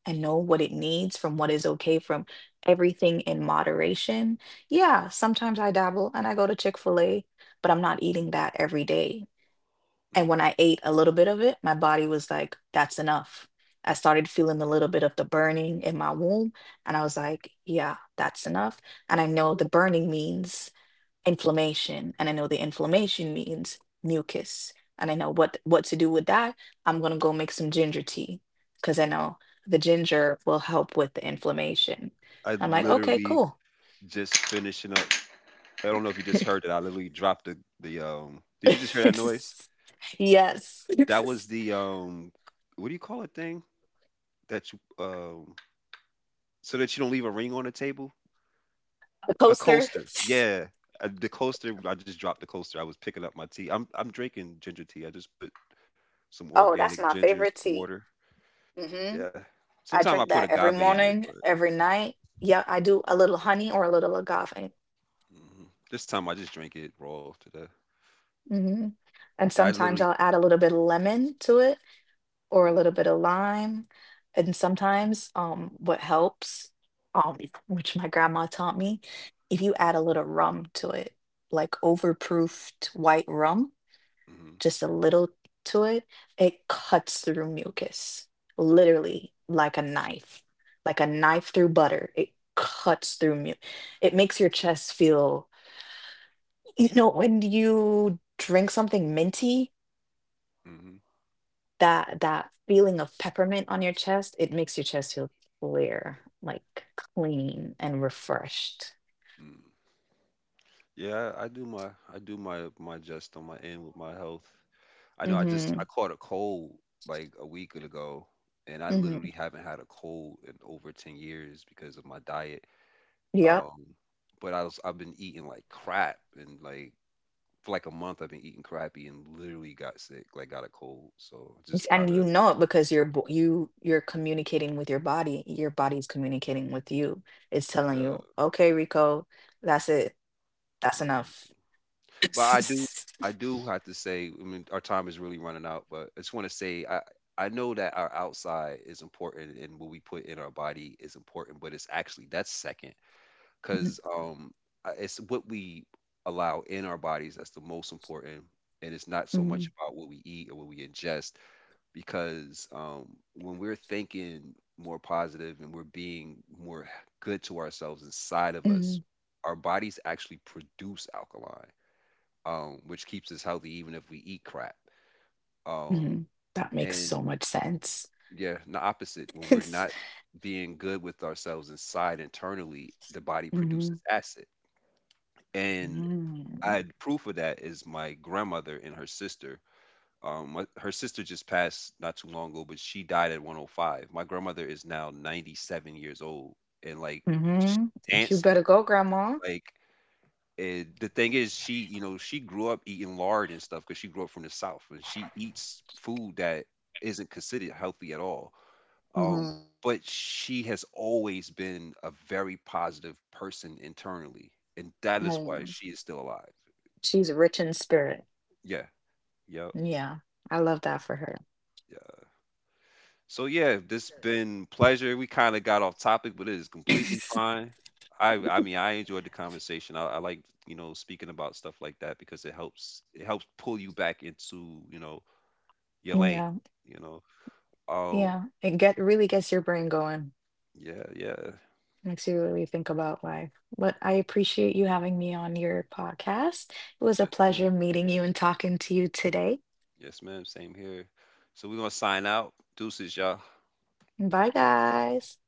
and know what it needs, from what is okay, from everything in moderation. Yeah, sometimes I dabble and I go to Chick-fil-A, but I'm not Mhm, eating that every day. And when mhm. I ate a little bit of it, my body was like, that's enough. I started feeling a little bit of the burning in my womb. And I was like, yeah, that's enough. And I know the burning means inflammation. And I know the inflammation means mucus. And I know what to do with that. I'm going to go make some ginger tea because I know the ginger will help with the inflammation. I I'm like, okay, literally cool. just finishing up. I don't know if you just heard it. I literally dropped the. Did you just hear that noise? Yes. That was the. What do you call it thing that you so that you don't leave a ring on the table? A A coaster. coaster. Yeah. The coaster. I just dropped the coaster. I was picking up my tea. I'm drinking ginger tea. I just put some Oh, that's organic my ginger and favorite some tea. water. hmm Yeah. I Sometimes I drink put that every agave in it. morning, every night. Yeah, I do a little honey or a little agave. Hmm This time I just drank it raw today. hmm And Yeah, I literally. sometimes I'll add a little bit of lemon to it or a Hmm little bit of lime. And sometimes what helps, um, which my grandma taught me, if you add a little rum to it, like overproofed white rum, hmm just a little to it, it cuts through mucus, literally like a knife through butter. It cuts through mu. It makes your chest feel, you know, when you drink something minty, hmm that feeling of peppermint on your chest, it makes your chest feel clear, like clean and refreshed. hmm Yeah, I do my just on my end with my health. I know I just Mm-hmm. I caught a cold like a week ago, and I Mm-hmm. literally haven't had a cold in over 10 years because of my diet. Yep. Um, but I was, I've been eating like crap, and like for like a month I've been eating crappy and literally got sick, like got a cold. So It's- just And kind you of know it because you you're communicating with your body. Your body's communicating with you. It's telling uh, you, "Okay, Rico, that's it. That's mm-hmm. enough." But I do have to say, I mean, our time is really running out. But I just want to say, I know that our outside is important, and what we put in our body is important. But it's actually that's second, Mhm, because I- it's what we allow in our bodies that's the most important, and it's not so mhm, much about what we eat or what we ingest. Because when we're thinking more positive and we're being more good to ourselves inside of us, mhm, our bodies actually produce alkaline, which keeps us healthy even if we eat crap. Um, mhm. That makes so and much sense. yeah, the opposite when we're It's not being good with ourselves inside internally, the body hmm produces acid. And hmm I proof of that is my grandmother and her sister. Her sister just passed not too long ago, but she died at 105. My grandmother is now 97 years old and like You dancing. better go, Grandma. Like, and the thing is, she, you know, she grew up eating lard and stuff because she grew up from the South, and she eats food that isn't considered healthy at all. Mhm, Um, but she has always been a very positive person internally, and that is why mhm. she is still alive. She's rich in spirit. Yeah, yep, Yeah, I love that for her. yeah. So yeah, this been pleasure. We kind of got off topic, but it is completely fine. I mean, I enjoyed the conversation. I like, you know, speaking about stuff like that because it helps pull you back into, you know, your lane, Yeah. you know. Oh, Yeah, it get really gets your brain going. yeah, yeah. Makes you really think about life. But I appreciate you having me on your podcast. It was a Yes, pleasure ma'am. meeting you and talking to you today. Yes, ma'am. Same here. So we're gonna sign out. Deuces, y'all. Bye, guys.